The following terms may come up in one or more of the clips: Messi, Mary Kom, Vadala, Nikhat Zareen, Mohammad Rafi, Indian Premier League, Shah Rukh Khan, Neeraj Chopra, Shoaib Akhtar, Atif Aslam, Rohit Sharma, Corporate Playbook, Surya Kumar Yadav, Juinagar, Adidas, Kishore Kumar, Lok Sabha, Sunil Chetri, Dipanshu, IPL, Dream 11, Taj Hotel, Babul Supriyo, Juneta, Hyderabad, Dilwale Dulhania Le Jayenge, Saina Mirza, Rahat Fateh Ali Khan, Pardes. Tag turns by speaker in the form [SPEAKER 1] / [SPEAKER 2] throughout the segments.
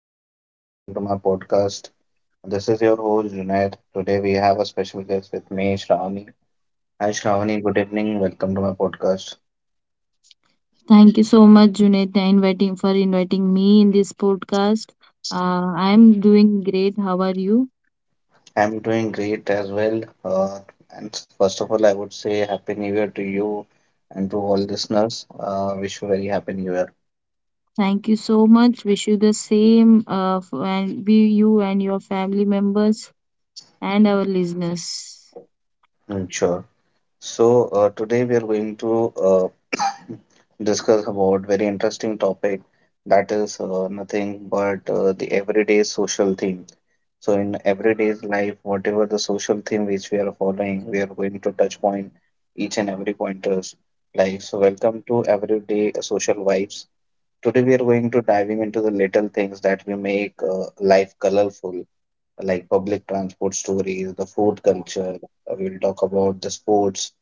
[SPEAKER 1] evening. Welcome to my podcast. This is your host Junaid. Today we have a special guest with me, Shravani. Hi, Shravani. Good evening. Welcome to my podcast.
[SPEAKER 2] Thank you so much, Juneta, inviting me in this podcast. I'm doing great. How are you?
[SPEAKER 1] I'm doing great as well. And first of all, I would say Happy New Year to you and to all listeners. Wish you very Happy New Year.
[SPEAKER 2] Thank you so much. Wish you the same, for, and be you and your family members and our listeners.
[SPEAKER 1] Mm, sure. So Today we are going to discuss about very interesting topic, that is nothing but the everyday social thing. So in everyday's life, whatever the social theme which we are following, we are going to touch point each and every pointers. Like so, welcome to everyday social vibes. Today we are going to diving into the little things that we make life colorful, like public transport stories, the food culture. We'll talk about the sports.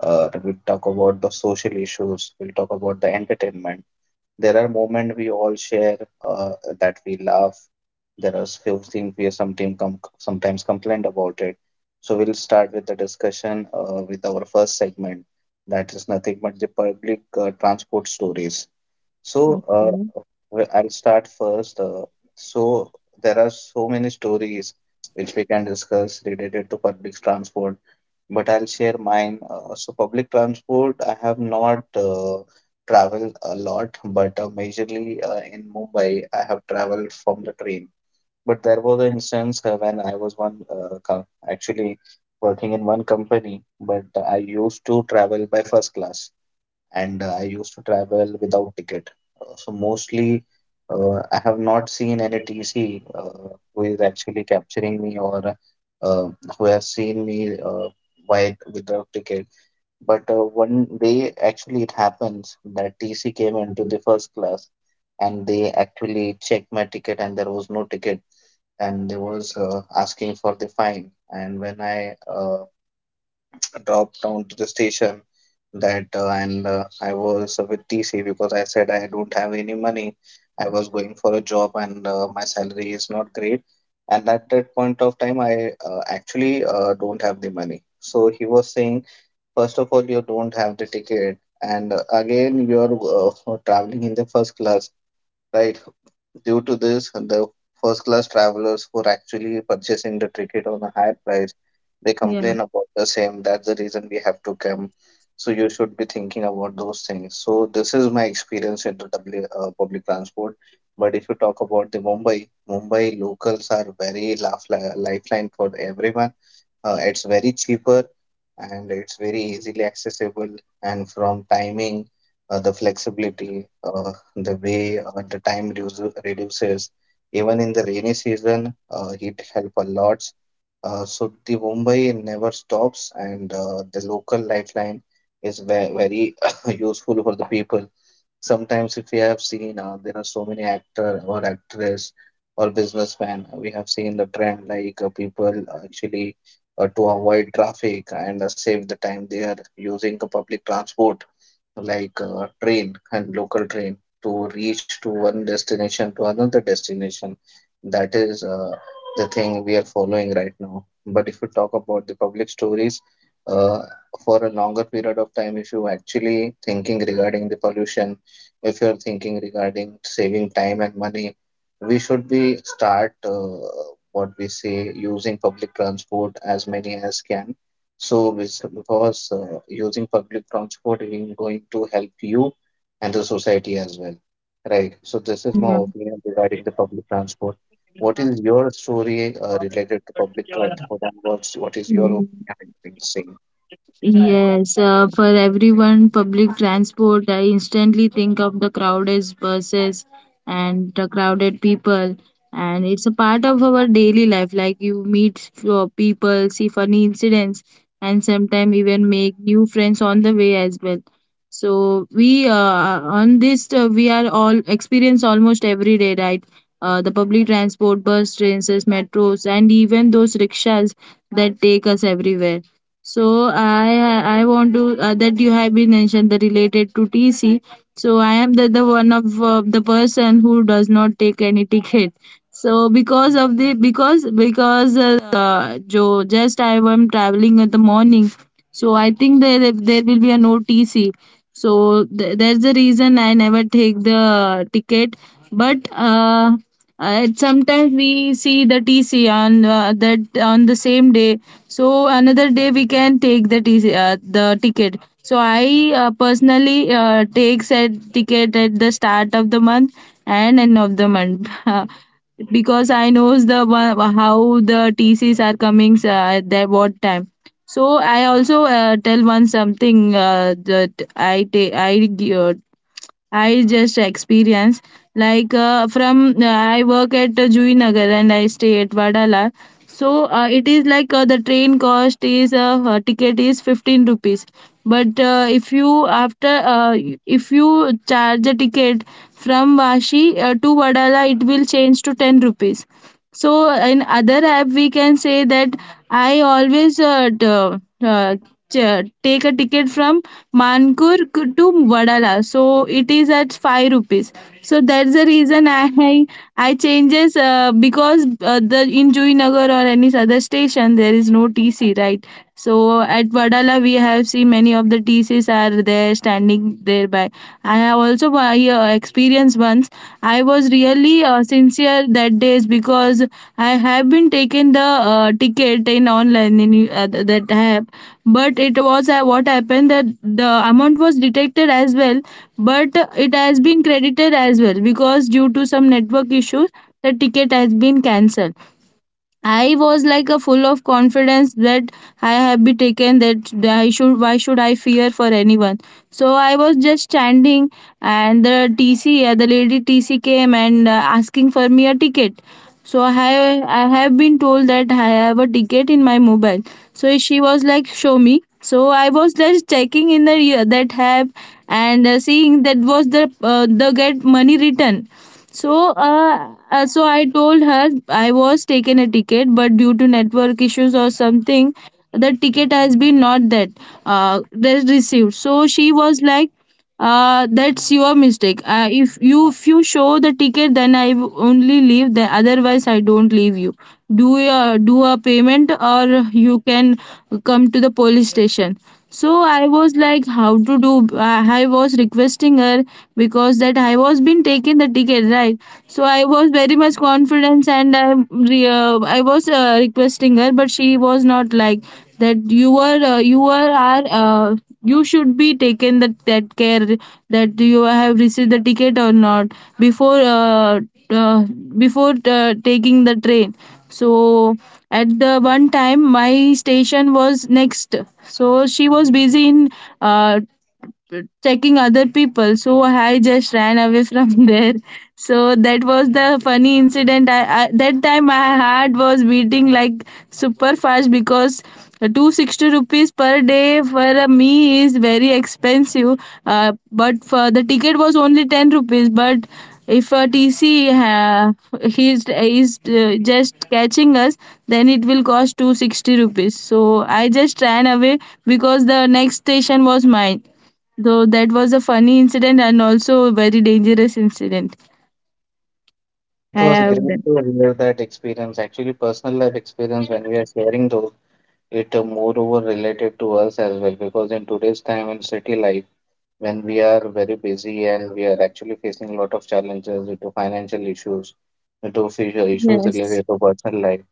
[SPEAKER 1] We'll talk about the social issues. We'll talk about the entertainment. There are moments we all share, that we love. There are few things we sometimes complain about it. So we'll start with the discussion with our first segment. That is nothing but the public transport stories. So
[SPEAKER 2] Okay.
[SPEAKER 1] uh, well, I'll start first. So there are so many stories which we can discuss related to public transport, but I'll share mine. So public transport, I have not traveled a lot, but majorly in Mumbai, I have traveled from the train. But there was an instance when I was one actually working in one company, but I used to travel by first class and I used to travel without ticket. So mostly, I have not seen any TC who is actually capturing me, or uh, who has seen me while without ticket. But one day, actually, it happens that TC came into the first class, and they actually checked my ticket, and there was no ticket, and they was asking for the fine. And when I dropped down to the station, that and I was with TC because I said I don't have any money. I was going for a job and my salary is not great. And at that point of time, I actually don't have the money. So he was saying, first of all, you don't have the ticket, and again, you are traveling in the first class. Right. Due to this, the first class travelers who are actually purchasing the ticket on a higher price, they
[SPEAKER 2] Yeah.
[SPEAKER 1] complain about the same. That's the reason we have to come. So you should be thinking about those things. So this is my experience into W public transport. But if you talk about the Mumbai, Mumbai locals are very laugh lifeline for everyone. It's very cheaper and it's very easily accessible. And from timing, the flexibility, the way the reduces, even in the rainy season, it help a lot. So the Mumbai never stops, and the local lifeline is very useful for the people. Sometimes, if we have seen, there are so many actor or actress or businessmen. We have seen the trend like people actually to avoid traffic and save the time, they are using the public transport like train and local train to reach to one destination to another destination. That is the thing we are following right now. But if you talk about the public stories, uh, for a longer period of time, if you actually thinking regarding the pollution, if you're thinking regarding saving time and money, we should be start, what we say, using public transport as many as can, so, because using public transport is going to help you and the society as well, right? So, this is my opinion regarding the public transport. What is your story related to public transport, and what is your
[SPEAKER 2] Yeah.
[SPEAKER 1] opinion regarding the same?
[SPEAKER 2] Yes, for everyone, public transport, I instantly think of the crowded buses and the crowded people. And it's a part of our daily life. Like you meet people, see funny incidents, and sometimes even make new friends on the way as well. So we on this We are all experience almost every day, right? The public transport, bus, trains, metros, and even those rickshaws that take us everywhere. So I want to that you have been mentioned the related to TC. So I am the one of the person who does not take any ticket. So because of the because Joe just I am traveling in the morning. So I think there will be a no TC. So that's the reason I never take the ticket. But Sometimes we see the TC on that on the same day. So another day we can take the TC, the ticket. So I personally takes a ticket at the start of the month and end of the month. Because I knows how the TCs are coming at that what time. So I also tell one something that I just experience like from I work at Juinagar and I stay at Vadala. So it is like the train cost is ticket is 15 rupees. But if you after If you charge a ticket from Vashi to Vadala, it will change to 10 rupees. So in other app we can say that I always take a ticket from Mankur to Vadala. So it is at 5 rupees. So that's the reason I changes because the in Juinagar or any other station there is no TC, right. So at Vadala we have seen many of the TCs are there standing thereby. I have also experienced once I was really sincere that days because I have been taken the ticket in online in that app, but it was what happened that the amount was detected as well, but it has been credited as well because due to some network issues, the ticket has been cancelled. I was like a full of confidence that I have been taken that I should, why should I fear for anyone. So I was just standing and the TC, the lady TC came and asking for me a ticket. So I have been told that I have a ticket in my mobile. So she was like, show me. So I was just checking in the that app and seeing that was the get money return, so I told her I was taken a ticket, but due to network issues or something, the ticket has been not that that received. So she was like, that's your mistake. If you show the ticket, then I only leave. Then otherwise, I don't leave you. Do a payment, or you can come to the police station. So I was like, how to do? I was requesting her because that I was been taking the ticket, right? So I was very much confidence and I was requesting her, but she was not like that. You are uh, you should be taken that care that you have received the ticket or not before uh, before taking the train. So at the one time my station was next, so she was busy in uh, checking other people. So I just ran away from there. So that was the funny incident. I That time my heart was beating like super fast, because 260 rupees per day for a me is very expensive, but for the ticket was only 10 rupees. But if a T C tc he's is just catching us, then it will cost 260 rupees. So I just ran away because the next station was mine. So that was a funny incident and also a very dangerous incident. I
[SPEAKER 1] It was
[SPEAKER 2] have
[SPEAKER 1] great
[SPEAKER 2] done.
[SPEAKER 1] to hear that experience. Actually, personal life experience when we are sharing those, it moreover related to us as well, because in today's time in city life when we are very busy and we are actually facing a lot of challenges due to financial issues, due to future issues
[SPEAKER 2] Yes.
[SPEAKER 1] related to personal life.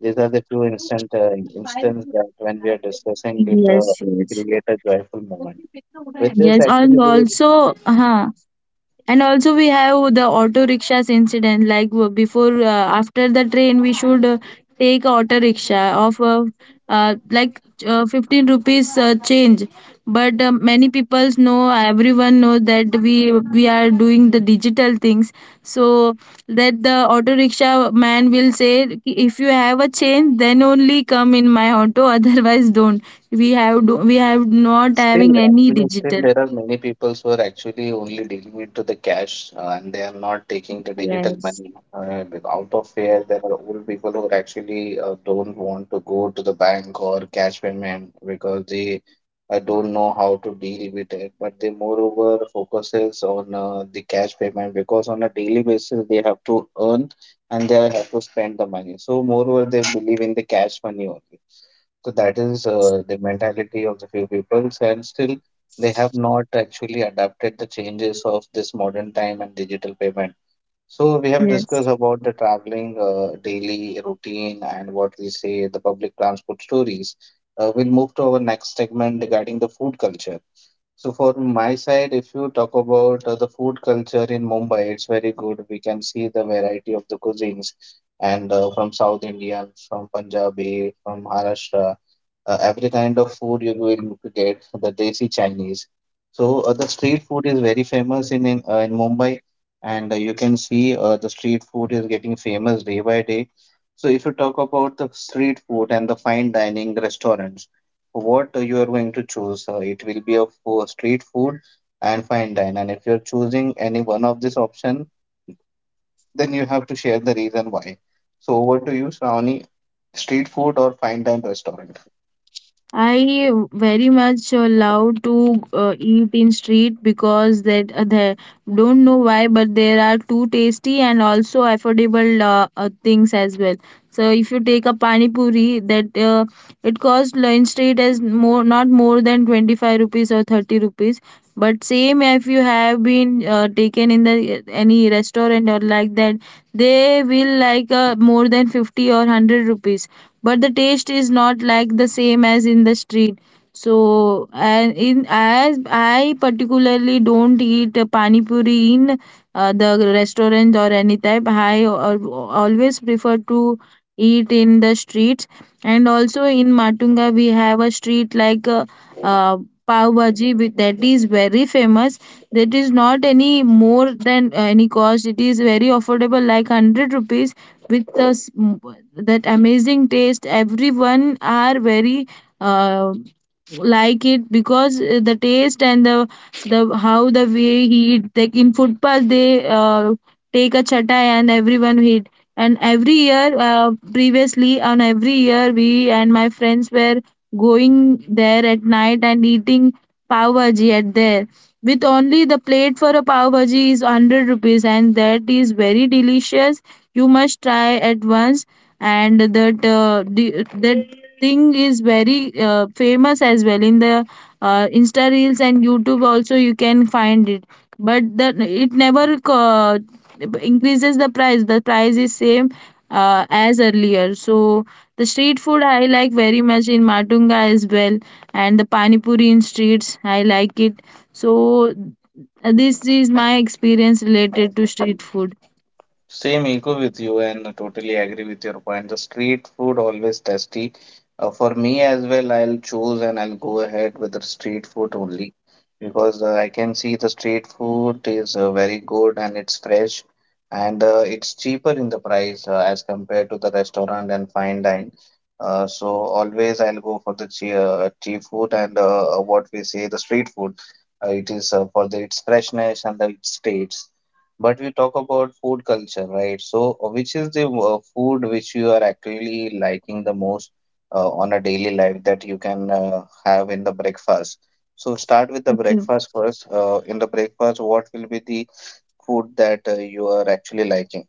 [SPEAKER 1] These are the two instant instance that when we are discussing it,
[SPEAKER 2] Yes, yes.
[SPEAKER 1] create a joyful moment. With this,
[SPEAKER 2] Yes,
[SPEAKER 1] actually,
[SPEAKER 2] and
[SPEAKER 1] we—
[SPEAKER 2] also, uh-huh, and also we have the auto rickshaws incident like w- before after the train we should take auto rickshaw of like 15 rupees change. But many people know everyone knows that we are doing the digital things. So that the auto rickshaw man will say, "Ki- if you have a change then only come in my auto." Otherwise don't. We have not
[SPEAKER 1] still,
[SPEAKER 2] having any
[SPEAKER 1] actually, still
[SPEAKER 2] digital.
[SPEAKER 1] there are many people who are actually only dealing into the cash, and they are not taking the digital
[SPEAKER 2] Yes,
[SPEAKER 1] money. Out of fear, there are old people who are actually don't want to go to the bank or cash payment because they don't know how to deal with it. But they moreover focuses on the cash payment, because on a daily basis they have to earn and they have to spend the money. So moreover, they believe in the cash money only. So that is
[SPEAKER 2] yes.
[SPEAKER 1] the mentality of the few peoples, and still they have not actually adapted the changes of this modern time and digital payment. So we have
[SPEAKER 2] Yes,
[SPEAKER 1] discussed about the traveling daily routine and what we say the public transport stories. We'll move to our next segment regarding the food culture. So for my side, if you talk about the food culture in Mumbai, it's very good. We can see the variety of the cuisines and from South Indian, from Punjabi, from Maharashtra, every kind of food you will get, the desi Chinese. So the street food is very famous in Mumbai, and you can see the street food is getting famous day by day. So if you talk about the street food and the fine dining restaurants, what you are going to choose. It will be a street food and fine dine. And if you're choosing any one of this option, then you have to share the reason why. So over to you, Shravani, street food or fine dine restaurant?
[SPEAKER 2] I very much love to eat in street because that they don't know why, but there are too tasty and also affordable things as well. So if you take a pani puri, that it costs lunch rate as more, not more than 25 rupees or 30 rupees. But same, if you have been taken in the any restaurant or like that, they will like more than 50 or 100 rupees. But the taste is not like the same as in the street. So and in, as I particularly don't eat pani puri in the restaurant or any type. Always prefer to eat in the streets. And also in Matunga we have a street like uh, pav bhaji that is very famous. That is not any more than any cost. It is very affordable, like 100 rupees, with that amazing taste. Everyone are very uh, like it because the taste and the how the way he eat, like in footpath they take a chatai and everyone he and every year previously on every year we and my friends were going there at night and eating pav bhaji at there. With only the plate for a pav bhaji is 100 rupees, and that is very delicious. You must try at once. And that thing is very famous as well in the Insta reels, and YouTube also you can find it. But it never increases the price. The price is same as earlier. So the street food I like very much in Matunga as well, and the pani puri in streets I like it. So this is my experience related to street food.
[SPEAKER 1] Same echo with you and totally agree with your point. The street food always tasty. For me as well, I'll choose and I'll go ahead with the street food only, because I can see the street food is very good and it's fresh and it's cheaper in the price as compared to the restaurant and fine dine. So always I'll go for the cheap food and what we say the street food. It is for the its freshness and the its taste. But we talk about food culture, right? So, which is the food which you are actually liking the most on a daily life that you can have in the breakfast? So, start with the
[SPEAKER 2] Okay.
[SPEAKER 1] breakfast first. In the breakfast, what will be the food that you are actually liking?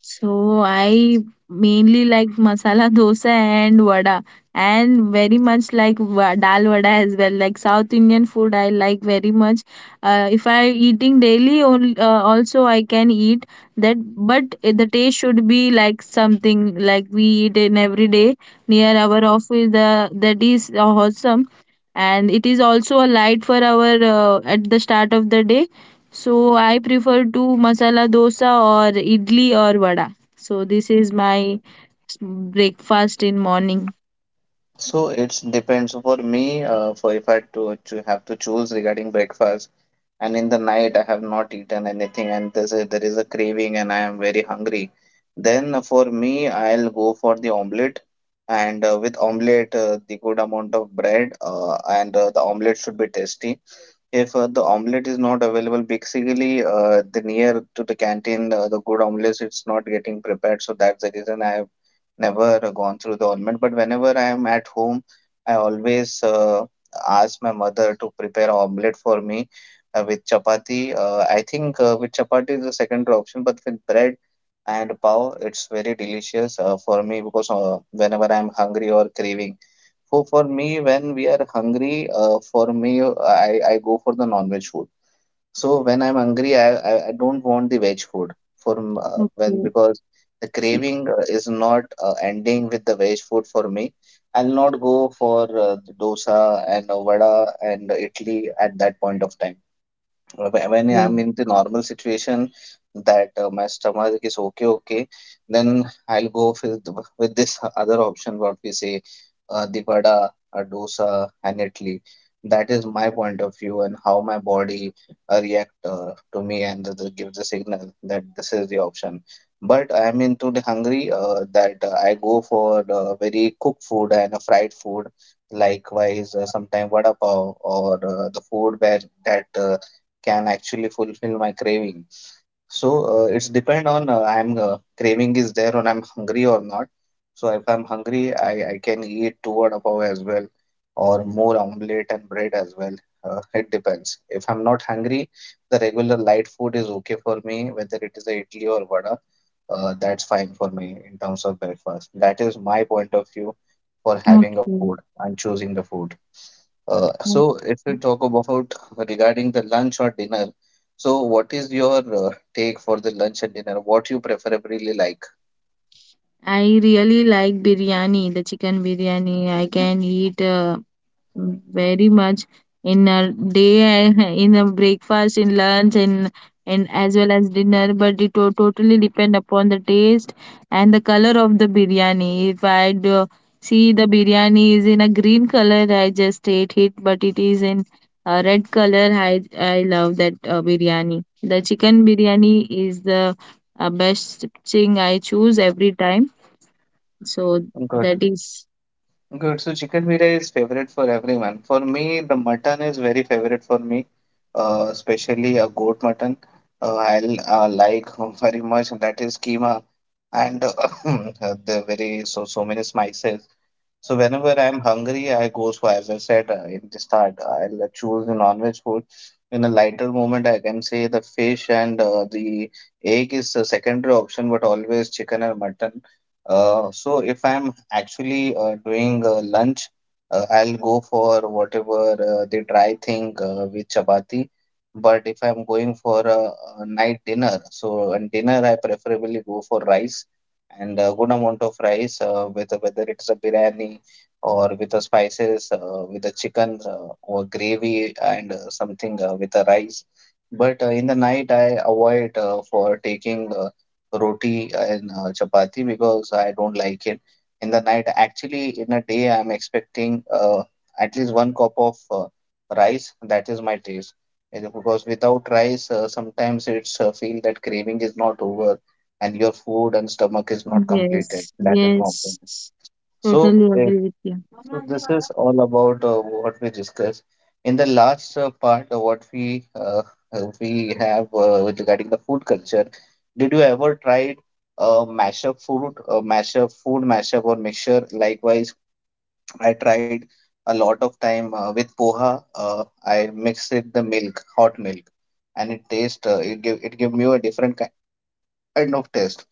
[SPEAKER 2] So I mainly like masala dosa and vada, and very much like dal vada as well. Like South Indian food, I like very much. If I eating daily, also I can eat that, but the taste should be like something like we eat in every day near our office. The That is awesome, and it is also a light for our at the start of the day. So I prefer to masala dosa or idli or vada. So this is my breakfast in morning.
[SPEAKER 1] So, it depends. For me, for if I to have to choose regarding breakfast, and in the night I have not eaten anything and there is a craving and I am very hungry, then for me I'll go for the omelette, and with omelette the good amount of bread, and the omelette should be tasty. If the omelette is not available, basically the near to the canteen, the good omelette it's not getting prepared. So that's the reason I have never gone through the omelette. But whenever I am at home, I always ask my mother to prepare omelette for me with chapati. I think with chapati is the secondary option, but with bread and pav, it's very delicious for me because whenever I'm hungry or craving. For me, when we are hungry, for me, I go for the non-veg food. So when I'm hungry, I don't want the veg food for when
[SPEAKER 2] Okay,
[SPEAKER 1] because the craving is not ending with the veg food for me. I'll not go for the dosa and vada and idli at that point of time when I'm
[SPEAKER 2] okay,
[SPEAKER 1] in the normal situation, that my stomach is okay. Okay, then I'll go with this other option, what we say, the vada, a dosa, and Italy. That is my point of view and how my body react to me and give the signal that this is the option. But I'm into the hungry, that I go for the very cooked food and fried food. Likewise, sometimes vada pav or the food where that can actually fulfill my craving. So it's depend on I'm craving is there or I'm hungry or not. So if I'm hungry, I can eat two vada pav as well or more omelette and bread as well. It depends. If I'm not hungry, the regular light food is okay for me, whether it is a idli or vada. That's fine for me in terms of breakfast. That is my point of view for having a
[SPEAKER 2] okay.
[SPEAKER 1] food and choosing the food. Uh,
[SPEAKER 2] Okay.
[SPEAKER 1] so if we talk about regarding the lunch or dinner, so what is your take for the lunch and dinner? What you preferably like?
[SPEAKER 2] I really like biryani, the chicken biryani. I can eat very much in a day, in a breakfast, in lunch, and as well as dinner. But it totally depend upon the taste and the color of the biryani. If I do see the biryani is in a green color, I just ate it. But it is in a red color, I love that biryani. The chicken biryani is the best thing I choose every time. So
[SPEAKER 1] Good,
[SPEAKER 2] that is,
[SPEAKER 1] good. So chicken biryani is favorite for everyone. For me, the mutton is very favorite for me, especially a goat mutton. I'll like very much, that is keema and the very, so so many spices. So whenever I'm hungry, I go for, as I said in the start, I'll choose the non-veg food. In a lighter moment, I can say the fish and the egg is a secondary option, but always chicken or mutton. So if I'm actually doing lunch, I'll go for whatever the dry thing with chapati. But if I'm going for a night dinner, so and dinner I preferably go for rice and a good amount of rice with whether it's a biryani or with the spices with the chicken or gravy and something with the rice, but in the night I avoid for taking roti and chapati because I don't like it in the night. Actually, in a day I'm expecting at least one cup of rice. That is my taste. And because without rice sometimes it's feel that craving is not over and your food and stomach is not completed.
[SPEAKER 2] yes,
[SPEAKER 1] That is my opinion.
[SPEAKER 2] yes.
[SPEAKER 1] So,
[SPEAKER 2] Totally
[SPEAKER 1] uh,
[SPEAKER 2] agree with you.
[SPEAKER 1] so this is all about what we discussed in the last part. What we We have with regarding the food culture. Did you ever tried mashup food, mashup or mixture? Likewise, I tried a lot of time with poha. I mix it the milk, hot milk, and it taste. It give me a kind of taste.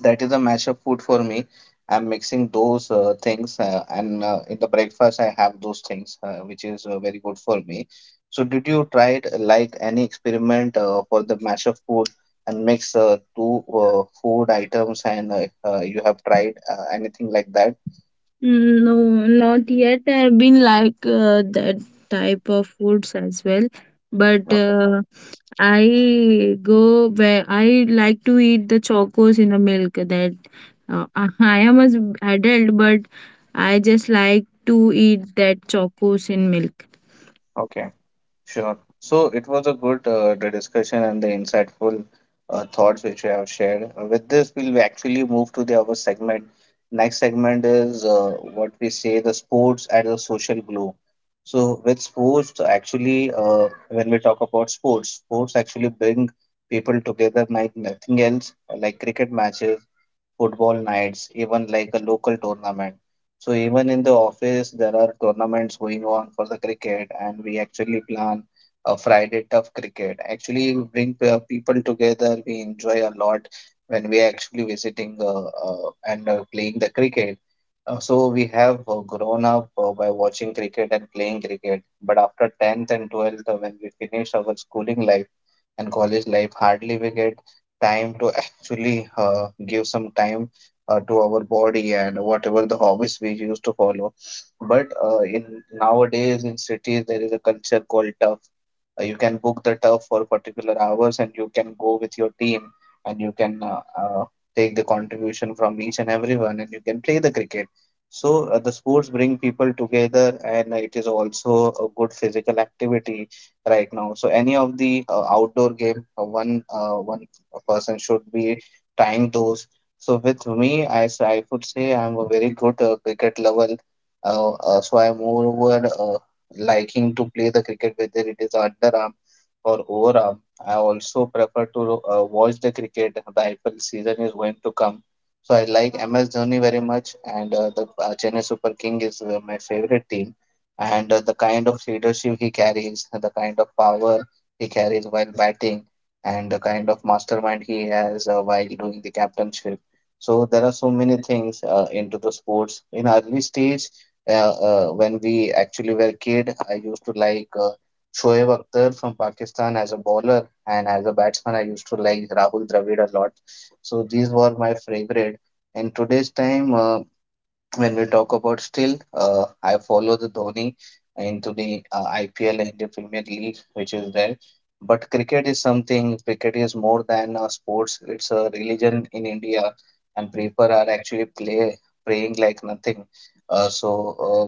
[SPEAKER 1] That is a mashup food for me. I'm mixing those things, and in the breakfast I have those things, which is very good for me. So, did you try it like any experiment for the mashup food and mix two food items, and you have tried anything like that?
[SPEAKER 2] No, not yet. I've been like that type of foods as well. But
[SPEAKER 1] Okay.
[SPEAKER 2] I go, where I like to eat the chocos in the milk. That I am an adult, but I just like to eat that chocos in milk.
[SPEAKER 1] Okay. Sure. So it was a good the discussion and the insightful thoughts which you have shared. With this, we'll actually move to the other segment. Next segment is what we say, the sports as a social glue. So with sports, actually, when we talk about sports, sports actually bring people together like nothing else, like cricket matches, football nights, even like a local tournament. So even in the office, there are tournaments going on for the cricket, and we actually plan a Friday tough cricket. Actually, we bring people together. We enjoy a lot when we are actually visiting and playing the cricket. So we have grown up by watching cricket and playing cricket. But after 10th and 12th, when we finish our schooling life and college life, hardly we get time to actually give some time to our body and whatever the hobbies we used to follow. But in nowadays in cities there is a culture called turf. You can book the turf for particular hours and you can go with your team and you can take the contribution from each and everyone and you can play the cricket. So the sports bring people together and it is also a good physical activity right now. So any of the outdoor game, one a person should be trying those. So with me, I would say I'm a very good cricket level. So I'm moreover liking to play the cricket, whether it is underarm or overarm. I also prefer to watch the cricket. The IPL season is going to come. So I like MS Dhoni very much, and the Chennai Super King is my favorite team. And the kind of leadership he carries, the kind of power he carries while batting, and the kind of mastermind he has while doing the captainship. So there are so many things into the sports. In early stage, when we actually were kid, I used to like Shoaib Akhtar from Pakistan as a bowler, and as a batsman, I used to like Rahul Dravid a lot. So these were my favorite. In today's time, when we talk about still, I follow the Dhoni into the IPL and the Premier League, which is there. But cricket is something, cricket is more than a sports, it's a religion in India, and people are actually play praying like nothing. Uh, so,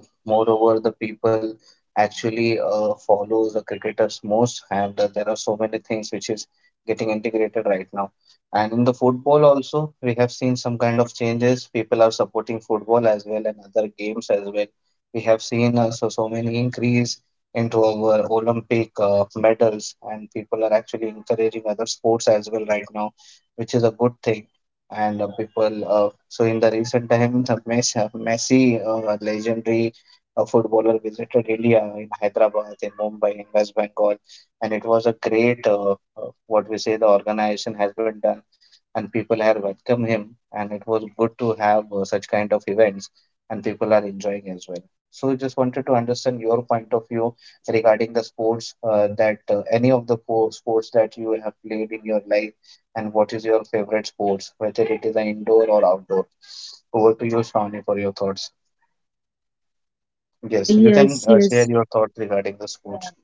[SPEAKER 1] uh, moreover, the people actually follow the cricketers most, and there are so many things which is getting integrated right now. And in the football also, we have seen some kind of changes. People are supporting football as well and other games as well. We have seen also so many increase into our Olympic medals, and people are actually encouraging other sports as well right now, which is a good thing. And so in the recent times, Messi, a legendary footballer, visited India, in Hyderabad, in Mumbai, in West Bengal, and it was a great, what we say, the organization has been done, and people are welcome him, and it was good to have such kind of events, and people are enjoying as well. So just wanted to understand your point of view regarding the sports, that any of the sports that you have played in your life, and what is your favorite sports, whether it is an indoor or outdoor. Over to you, Shawni, for your thoughts. Yes, you can
[SPEAKER 2] Yes,
[SPEAKER 1] share
[SPEAKER 2] yes.
[SPEAKER 1] your thoughts regarding the sports.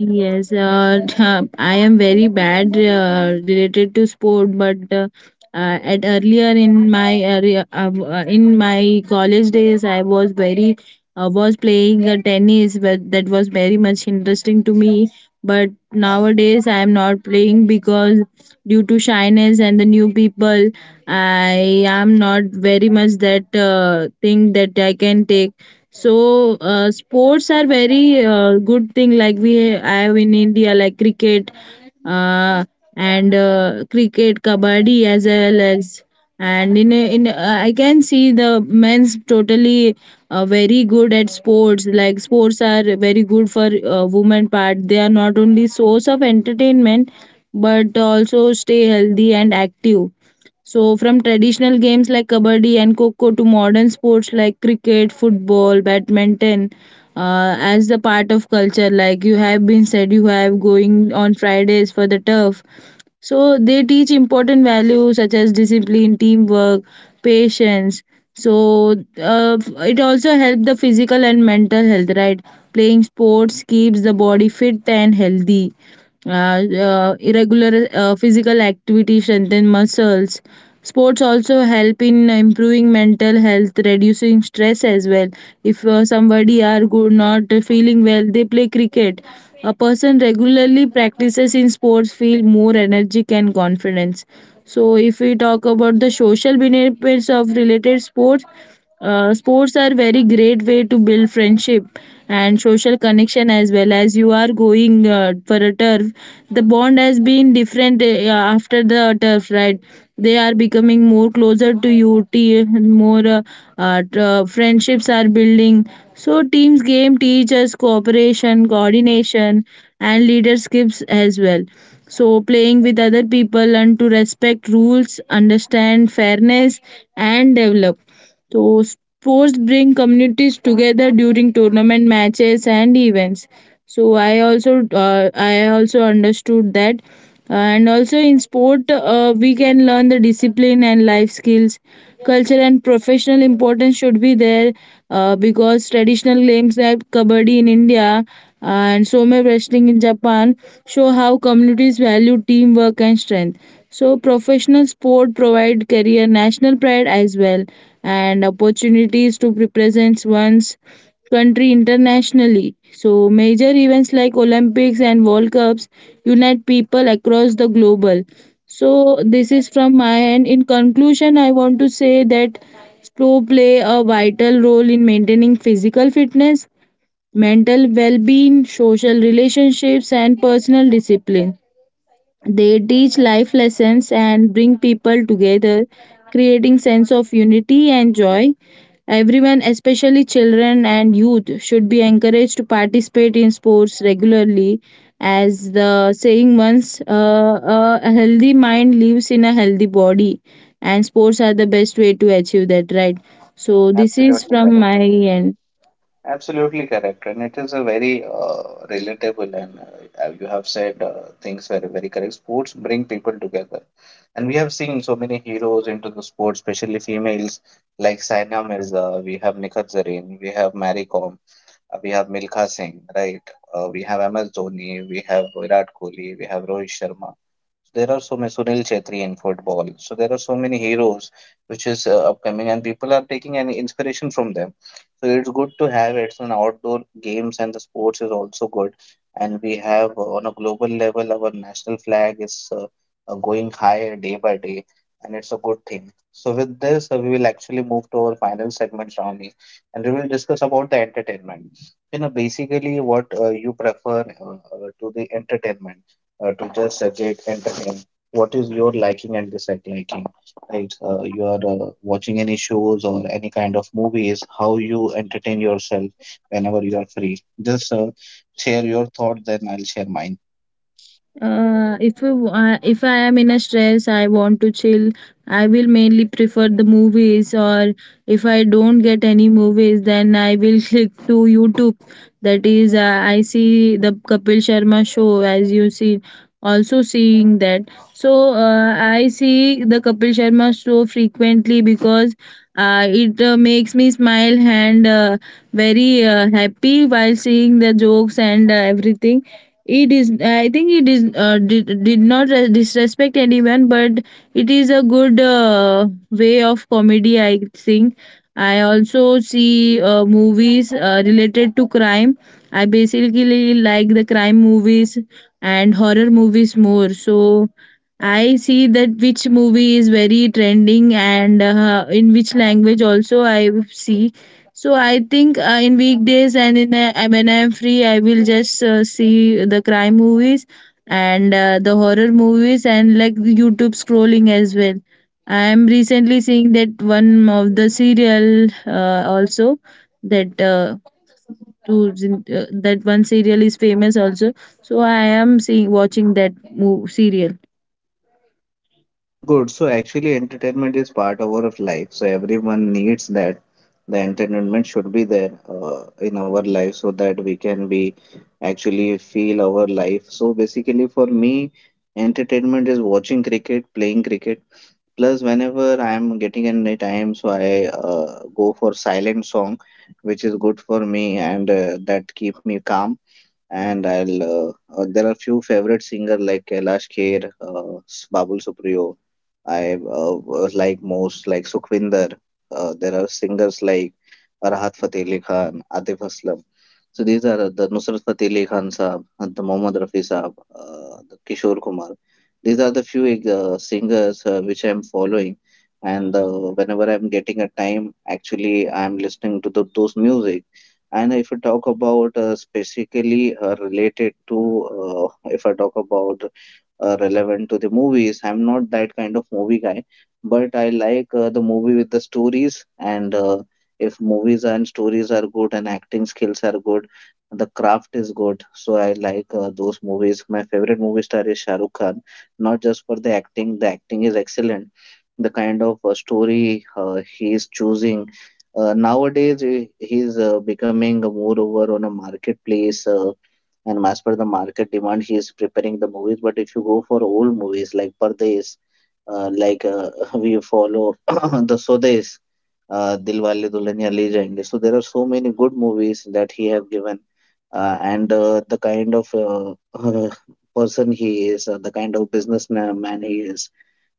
[SPEAKER 2] Yes, I am very bad related to sport, but at earlier in my area, in my college days, I was very was playing tennis, but that was very much interesting to me. But nowadays I am not playing because, due to shyness and the new people, I am not very much that thing that I can take. So sports are very good thing, like we have in India, like cricket, uh, and cricket, kabaddi as well. As and in a- in I can see the men's totally very good at sports. Like sports are very good for women part. They are not only source of entertainment, but also stay healthy and active. So from traditional games like kabaddi and coco to modern sports like cricket, football, badminton, as the part of culture, like you have been said you have going on Fridays for the turf, so they teach important values such as discipline, teamwork, patience. So it also helps the physical and mental health, right? Playing sports keeps the body fit and healthy. Uh, Irregular physical activity strengthen muscles. Sports also help in improving mental health, reducing stress as well. If somebody are good not feeling well, they play cricket. A person regularly practices in sports feel more energetic and confidence. So if we talk about the social benefits of related sports, sports are very great way to build friendship and social connection, as well as you are going for a turf, the bond has been different after the turf, right? They are becoming more closer to you, T more friendships are building. So teams game teaches cooperation, coordination, and leaderships as well. So playing with other people and to respect rules, understand fairness, and develop. So sports bring communities together during tournament matches and events. So I also understood that, and also in sport we can learn the discipline and life skills, culture and professional importance should be there, because traditional games like kabaddi in India, and some wrestling in Japan, show how communities value teamwork and strength. So professional sport provide career, national pride as well, and opportunities to represent one's country internationally. So major events like Olympics and World Cups unite people across the global. So this is from my end. In conclusion, I want to say that sports play a vital role in maintaining physical fitness, mental well-being, social relationships, and personal discipline. They teach life lessons and bring people together, creating sense of unity and joy. Everyone, especially children and youth, should be encouraged to participate in sports regularly. As the saying once, a healthy mind lives in a healthy body, and sports are the best way to achieve that, right? So, this is
[SPEAKER 1] Absolutely
[SPEAKER 2] from
[SPEAKER 1] correct.
[SPEAKER 2] my end.
[SPEAKER 1] Absolutely correct, and it is a very relatable, and you have said things very, very correct. Sports bring people together, and we have seen so many heroes into the sport, especially females like Saina Mirza. We have Nikhat Zareen, we have Mary Kom, we have Milkha Singh, right? We have MS Dhoni, we have Virat Kohli, we have Rohit Sharma. So, there are so many Sunil Chetri in football. So there are so many heroes which is upcoming, and people are taking an inspiration from them. So it's good to have, it's an outdoor games and the sports is also good. And we have on a global level, our national flag is going higher day by day, and it's a good thing. So with this, we will actually move to our final segment, Ronnie, and we will discuss about the entertainment. You know, basically what you prefer to the entertainment, to just get entertained. What is your liking and disliking? Right, you are watching any shows or any kind of movies, how you entertain yourself whenever you are free. Just share your thoughts, then I'll share mine.
[SPEAKER 2] If I am in a stress, I want to chill. I will mainly prefer the movies, or if I don't get any movies, then I will click to YouTube. That is, I see the Kapil Sharma show, as you see, also seeing that. So I see the Kapil Sharma show frequently because it makes me smile and very happy while seeing the jokes and everything. It is, I think it is, did not disrespect anyone, but it is a good way of comedy, I think. I also see movies related to crime. I basically like the crime movies and horror movies more. So I see that which movie is very trending and in which language also I see. So I think in weekdays and in when I am free, I will just see the crime movies and the horror movies and like YouTube scrolling as well. I am recently seeing that one of the serial also, that uh, that one serial is famous also. So I am seeing watching that mo serial.
[SPEAKER 1] Good. So actually, entertainment is part of our life. So everyone needs that. The entertainment should be there in our life so that we can be actually feel our life. So basically, for me, entertainment is watching cricket, playing cricket. Plus, whenever I am getting any time, so I go for silent song, which is good for me and that keep me calm. And I'll there are few favorite singer like Kailash Kher, Babul Supriyo. I was like most like Sukhvinder. There are singers like Rahat Fateh Ali Khan, Atif Aslam. So these are the Nusrat Fateh Ali Khan Saab, the Mohammad Rafi Saab, the Kishore Kumar. These are the few singers which I'm following, and whenever I'm getting a time, actually I'm listening to the, those music. And if you talk about specifically related to, if I talk about relevant to the movies, I'm not that kind of movie guy, but I like the movie with the stories. And if movies and stories are good and acting skills are good, the craft is good. So I like those movies. My favorite movie star is Shah Rukh Khan, not just for the acting is excellent, the kind of story he is choosing. Nowadays, he's becoming moreover on a marketplace, and as per the market demand, he is preparing the movies. But if you go for old movies like Pardes, like we follow the Sodes, Dilwale Dulhania Le Jayenge. So there are so many good movies that he have given. And the kind of person he is, the kind of businessman man he is,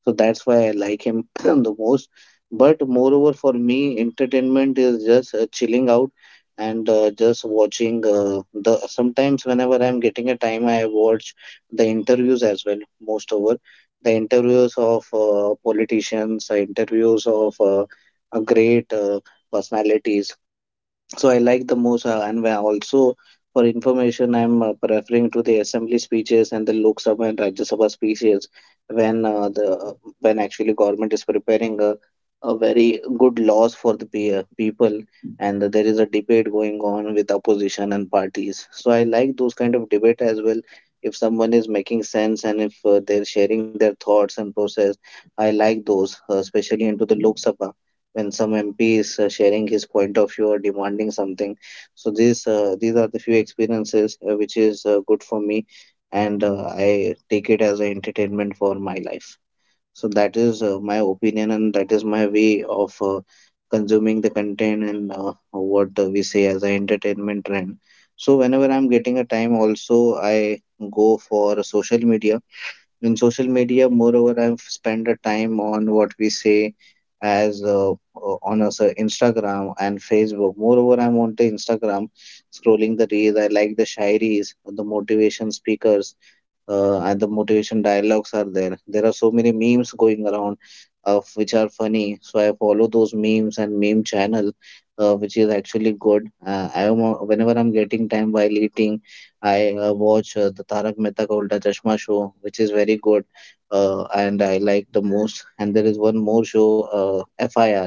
[SPEAKER 1] so that's why I like him the most. But moreover, for me entertainment is just chilling out and just watching the sometimes, whenever I'm getting a time, I watch the interviews as well, most over the interviews of politicians, interviews of great personalities. So I like the most, and where also for information, I'm referring to the assembly speeches and the Lok Sabha and Rajya Sabha speeches when the when actually government is preparing a very good laws for the people, and there is a debate going on with opposition and parties. So I like those kind of debate as well. If someone is making sense and if they're sharing their thoughts and process, I like those, especially into the Lok Sabha when some MP is sharing his point of view or demanding something. So these are the few experiences which is good for me, and I take it as an entertainment for my life. So that is my opinion, and that is my way of consuming the content and what we say as an entertainment trend. So whenever I'm getting a time, also I go for social media. In social media, moreover, I've spent a time on what we say as on us Instagram and Facebook. Moreover, I'm on to Instagram scrolling the reels. I like the shairis, the motivation speakers, and the motivation dialogues are there. There are so many memes going around which are funny, so I follow those memes and meme channel, which is actually good. I am Whenever I'm getting time while eating, I watch the Tarak Mehta Ka Ulta Chashma show, which is very good, and I like the most. And there is one more show, FIR,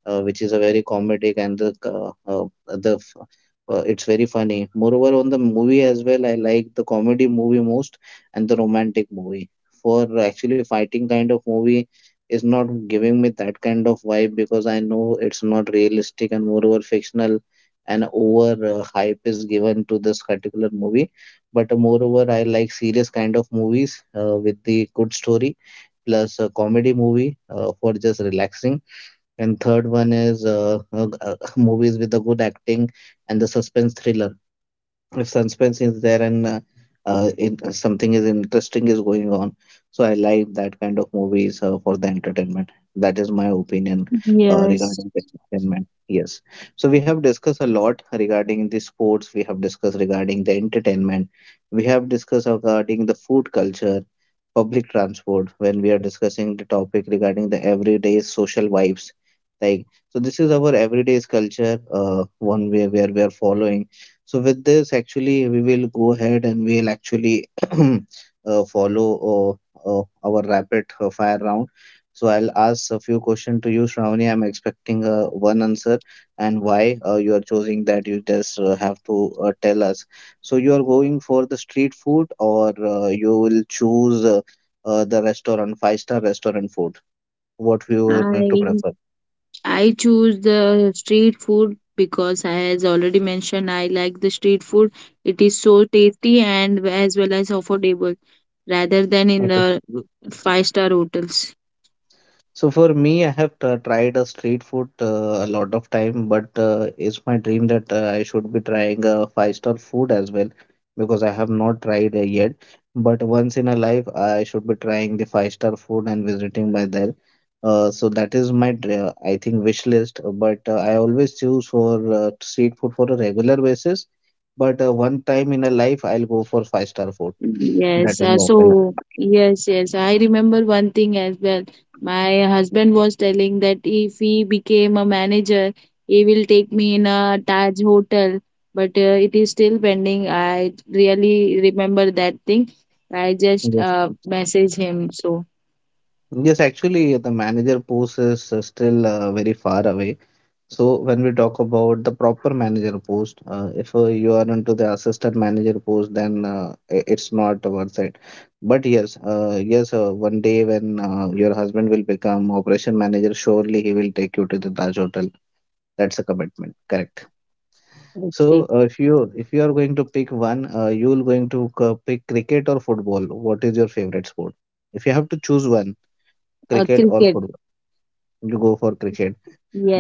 [SPEAKER 1] which is a very comedic and the it's very funny. Moreover, on the movie as well, I like the comedy movie most and the romantic movie. For actually fighting kind of movie is not giving me that kind of vibe because I know it's not realistic and moreover fictional and over hype is given to this particular movie. But moreover, I like serious kind of movies with the good story, plus a comedy movie for just relaxing. And third one is movies with the good acting and the suspense thriller. If suspense is there and it, something is interesting is going on, so I like that kind of movies for the entertainment. That is my opinion
[SPEAKER 2] Yes,
[SPEAKER 1] regarding the entertainment. Yes, so we have discussed a lot regarding the sports, we have discussed regarding the entertainment, we have discussed regarding the food culture, public transport, when we are discussing the topic regarding the everyday social vibes, like, so this is our everyday culture, one way where we are following. So with this, actually, we will go ahead and we'll actually follow our rapid fire round. So I'll ask a few questions to you, Shravani. I'm expecting one answer and why you are choosing that. You just have to tell us. So you are going for the street food, or you will choose the restaurant, five-star restaurant food. What you are going to
[SPEAKER 2] I
[SPEAKER 1] prefer?
[SPEAKER 2] I choose the street food because I, as already mentioned, I like the street food. It is so tasty and as well as affordable rather than in the five-star hotels.
[SPEAKER 1] So for me, I have tried a street food a lot of time, but it's my dream that I should be trying a five-star food as well because I have not tried it yet. But once in a life, I should be trying the five-star food and visiting by there. So that is my, I think, wish list. But I always choose for street food for a regular basis. But one time in a life, I'll go for five-star food. That
[SPEAKER 2] Yes,
[SPEAKER 1] is my opinion.
[SPEAKER 2] so yes, yes, I remember one thing as well. My husband was telling that if he became a manager, he will take me in a Taj hotel, but it is still pending. I really remember that thing. I just
[SPEAKER 1] Yeah.
[SPEAKER 2] message him. So
[SPEAKER 1] Yes, actually, the manager post is still very far away. So when we talk about the proper manager post, if you are into the assistant manager post, then it's not worth it. But yes, yes, one day when your husband will become operation manager, surely he will take you to the Taj Hotel. That's a commitment, correct? So
[SPEAKER 2] okay,
[SPEAKER 1] if you are going to pick one, you will going to pick cricket or football. What is your favorite sport? If you have to choose one, cricket or
[SPEAKER 2] cricket.
[SPEAKER 1] football. You go for cricket.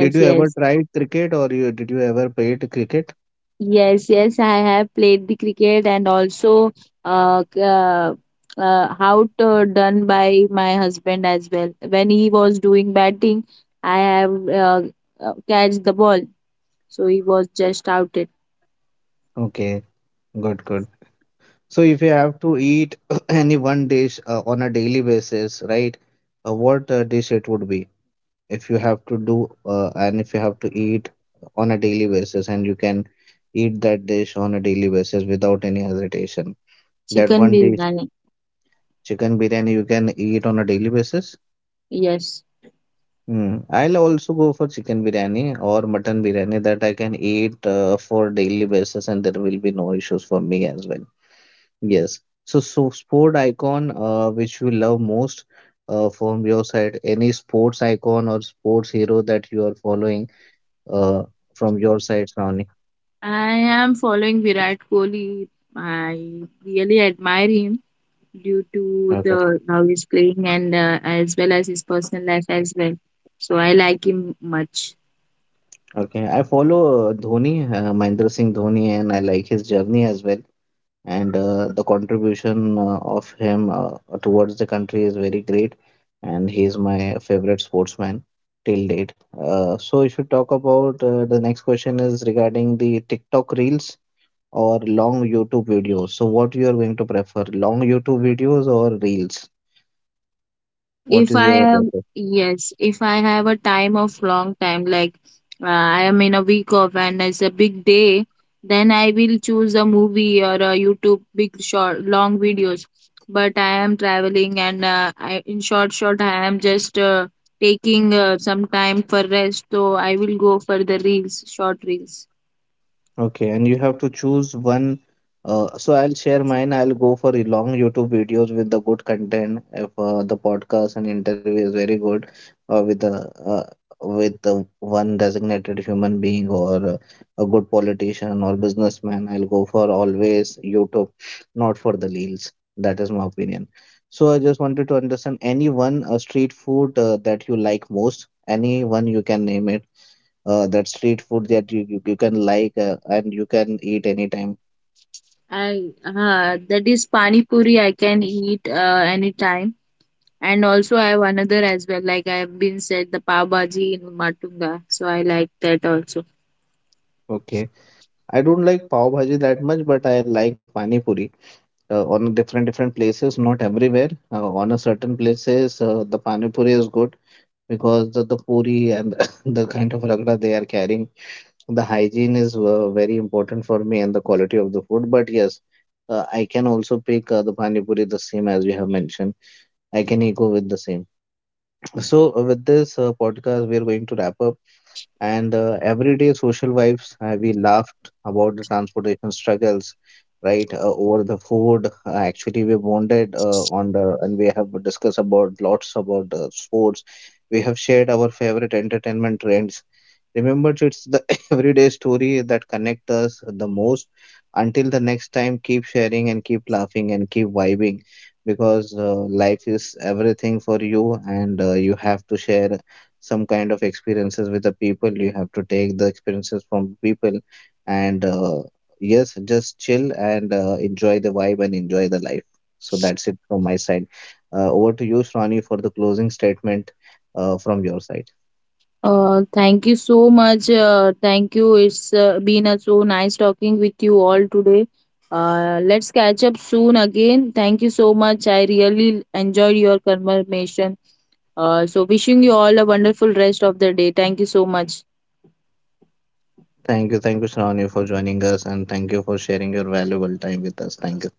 [SPEAKER 1] Did you ever
[SPEAKER 2] yes.
[SPEAKER 1] try cricket or you did you ever played cricket?
[SPEAKER 2] Yes, yes, I have played the cricket and also uh, c- uh, how to done by my husband as well. When he was doing batting, I have catch the ball, so he was just outed.
[SPEAKER 1] Okay, good, good. So if you have to eat any one dish on a daily basis, right? What dish it would be if you have to do and if you have to eat on a daily basis and you can eat that dish on a daily basis without any hesitation. That
[SPEAKER 2] Chicken
[SPEAKER 1] one dish,
[SPEAKER 2] biryani,
[SPEAKER 1] chicken biryani, you can eat on a daily basis.
[SPEAKER 2] yes.
[SPEAKER 1] Hmm. I'll also go for chicken biryani or mutton biryani that I can eat for daily basis, and there will be no issues for me as well. Yes. So, so sport icon which you love most from your side, any sports icon or sports hero that you are following uh, from your side, Ronnie.
[SPEAKER 2] I am following Virat Kohli. I really admire him due to
[SPEAKER 1] Okay.
[SPEAKER 2] the how he's playing and as well as his personal life as well. So I like him much.
[SPEAKER 1] Okay. I follow Dhoni, Mahendra Singh Dhoni, and I like his journey as well, and the contribution of him towards the country is very great, and he is my favorite sportsman till date. Uh, so if you talk about, the next question is regarding the TikTok reels or long YouTube videos. So what you are going to prefer, long YouTube videos or reels? What
[SPEAKER 2] If
[SPEAKER 1] is
[SPEAKER 2] I
[SPEAKER 1] your
[SPEAKER 2] have,
[SPEAKER 1] preference?
[SPEAKER 2] yes, if I have a time of long time, like I am in a week off and it's a big day, then I will choose a movie or a YouTube big short long videos. But I am traveling and I, in short, I am just taking some time for rest, so I will go for the reels, short reels.
[SPEAKER 1] Okay, and you have to choose one. So I'll share mine. I'll go for a long YouTube videos with the good content. If the podcast and interview is very good, uh, with the uh, with the one designated human being or a good politician or businessman, I'll go for always YouTube, not for the reels. That is my opinion. So I just wanted to understand any one street food that you like most. Any one you can name it that street food that you can like and you can eat anytime.
[SPEAKER 2] I that is pani puri I can eat anytime. And also I have another as well. Like I have been said the Pav Bhaji in Matunga. So I like that also.
[SPEAKER 1] Okay. I don't like pav bhaji that much, but I like pani puri on different different places, not everywhere. On a certain places, the pani puri is good because the puri and the kind of ragda they are carrying, the hygiene is very important for me and the quality of the food. But yes, I can also pick the pani puri the same as you have mentioned. I can echo with the same. So, with this podcast, we are going to wrap up and everyday social vibes. We laughed about the transportation struggles, right? Over the food. Actually, we bonded and we have discussed about lots about sports. We have shared our favorite entertainment trends. Remember, it's the everyday story that connect us the most. Until the next time, keep sharing and keep laughing and keep vibing because life is everything for you, and you have to share some kind of experiences with the people. You have to take the experiences from people, and yes, just chill and enjoy the vibe and enjoy the life. So that's it from my side. Over to you, Shrani, for the closing statement from your side.
[SPEAKER 2] Thank you so much. Thank you. It's been a so nice talking with you all today. Let's catch up soon again. Thank you so much. I really enjoyed your conversation. So wishing you all a wonderful rest of the day. Thank you so much.
[SPEAKER 1] Thank you. Thank you, Shravani, for joining us, and thank you for sharing your valuable time with us. Thank you.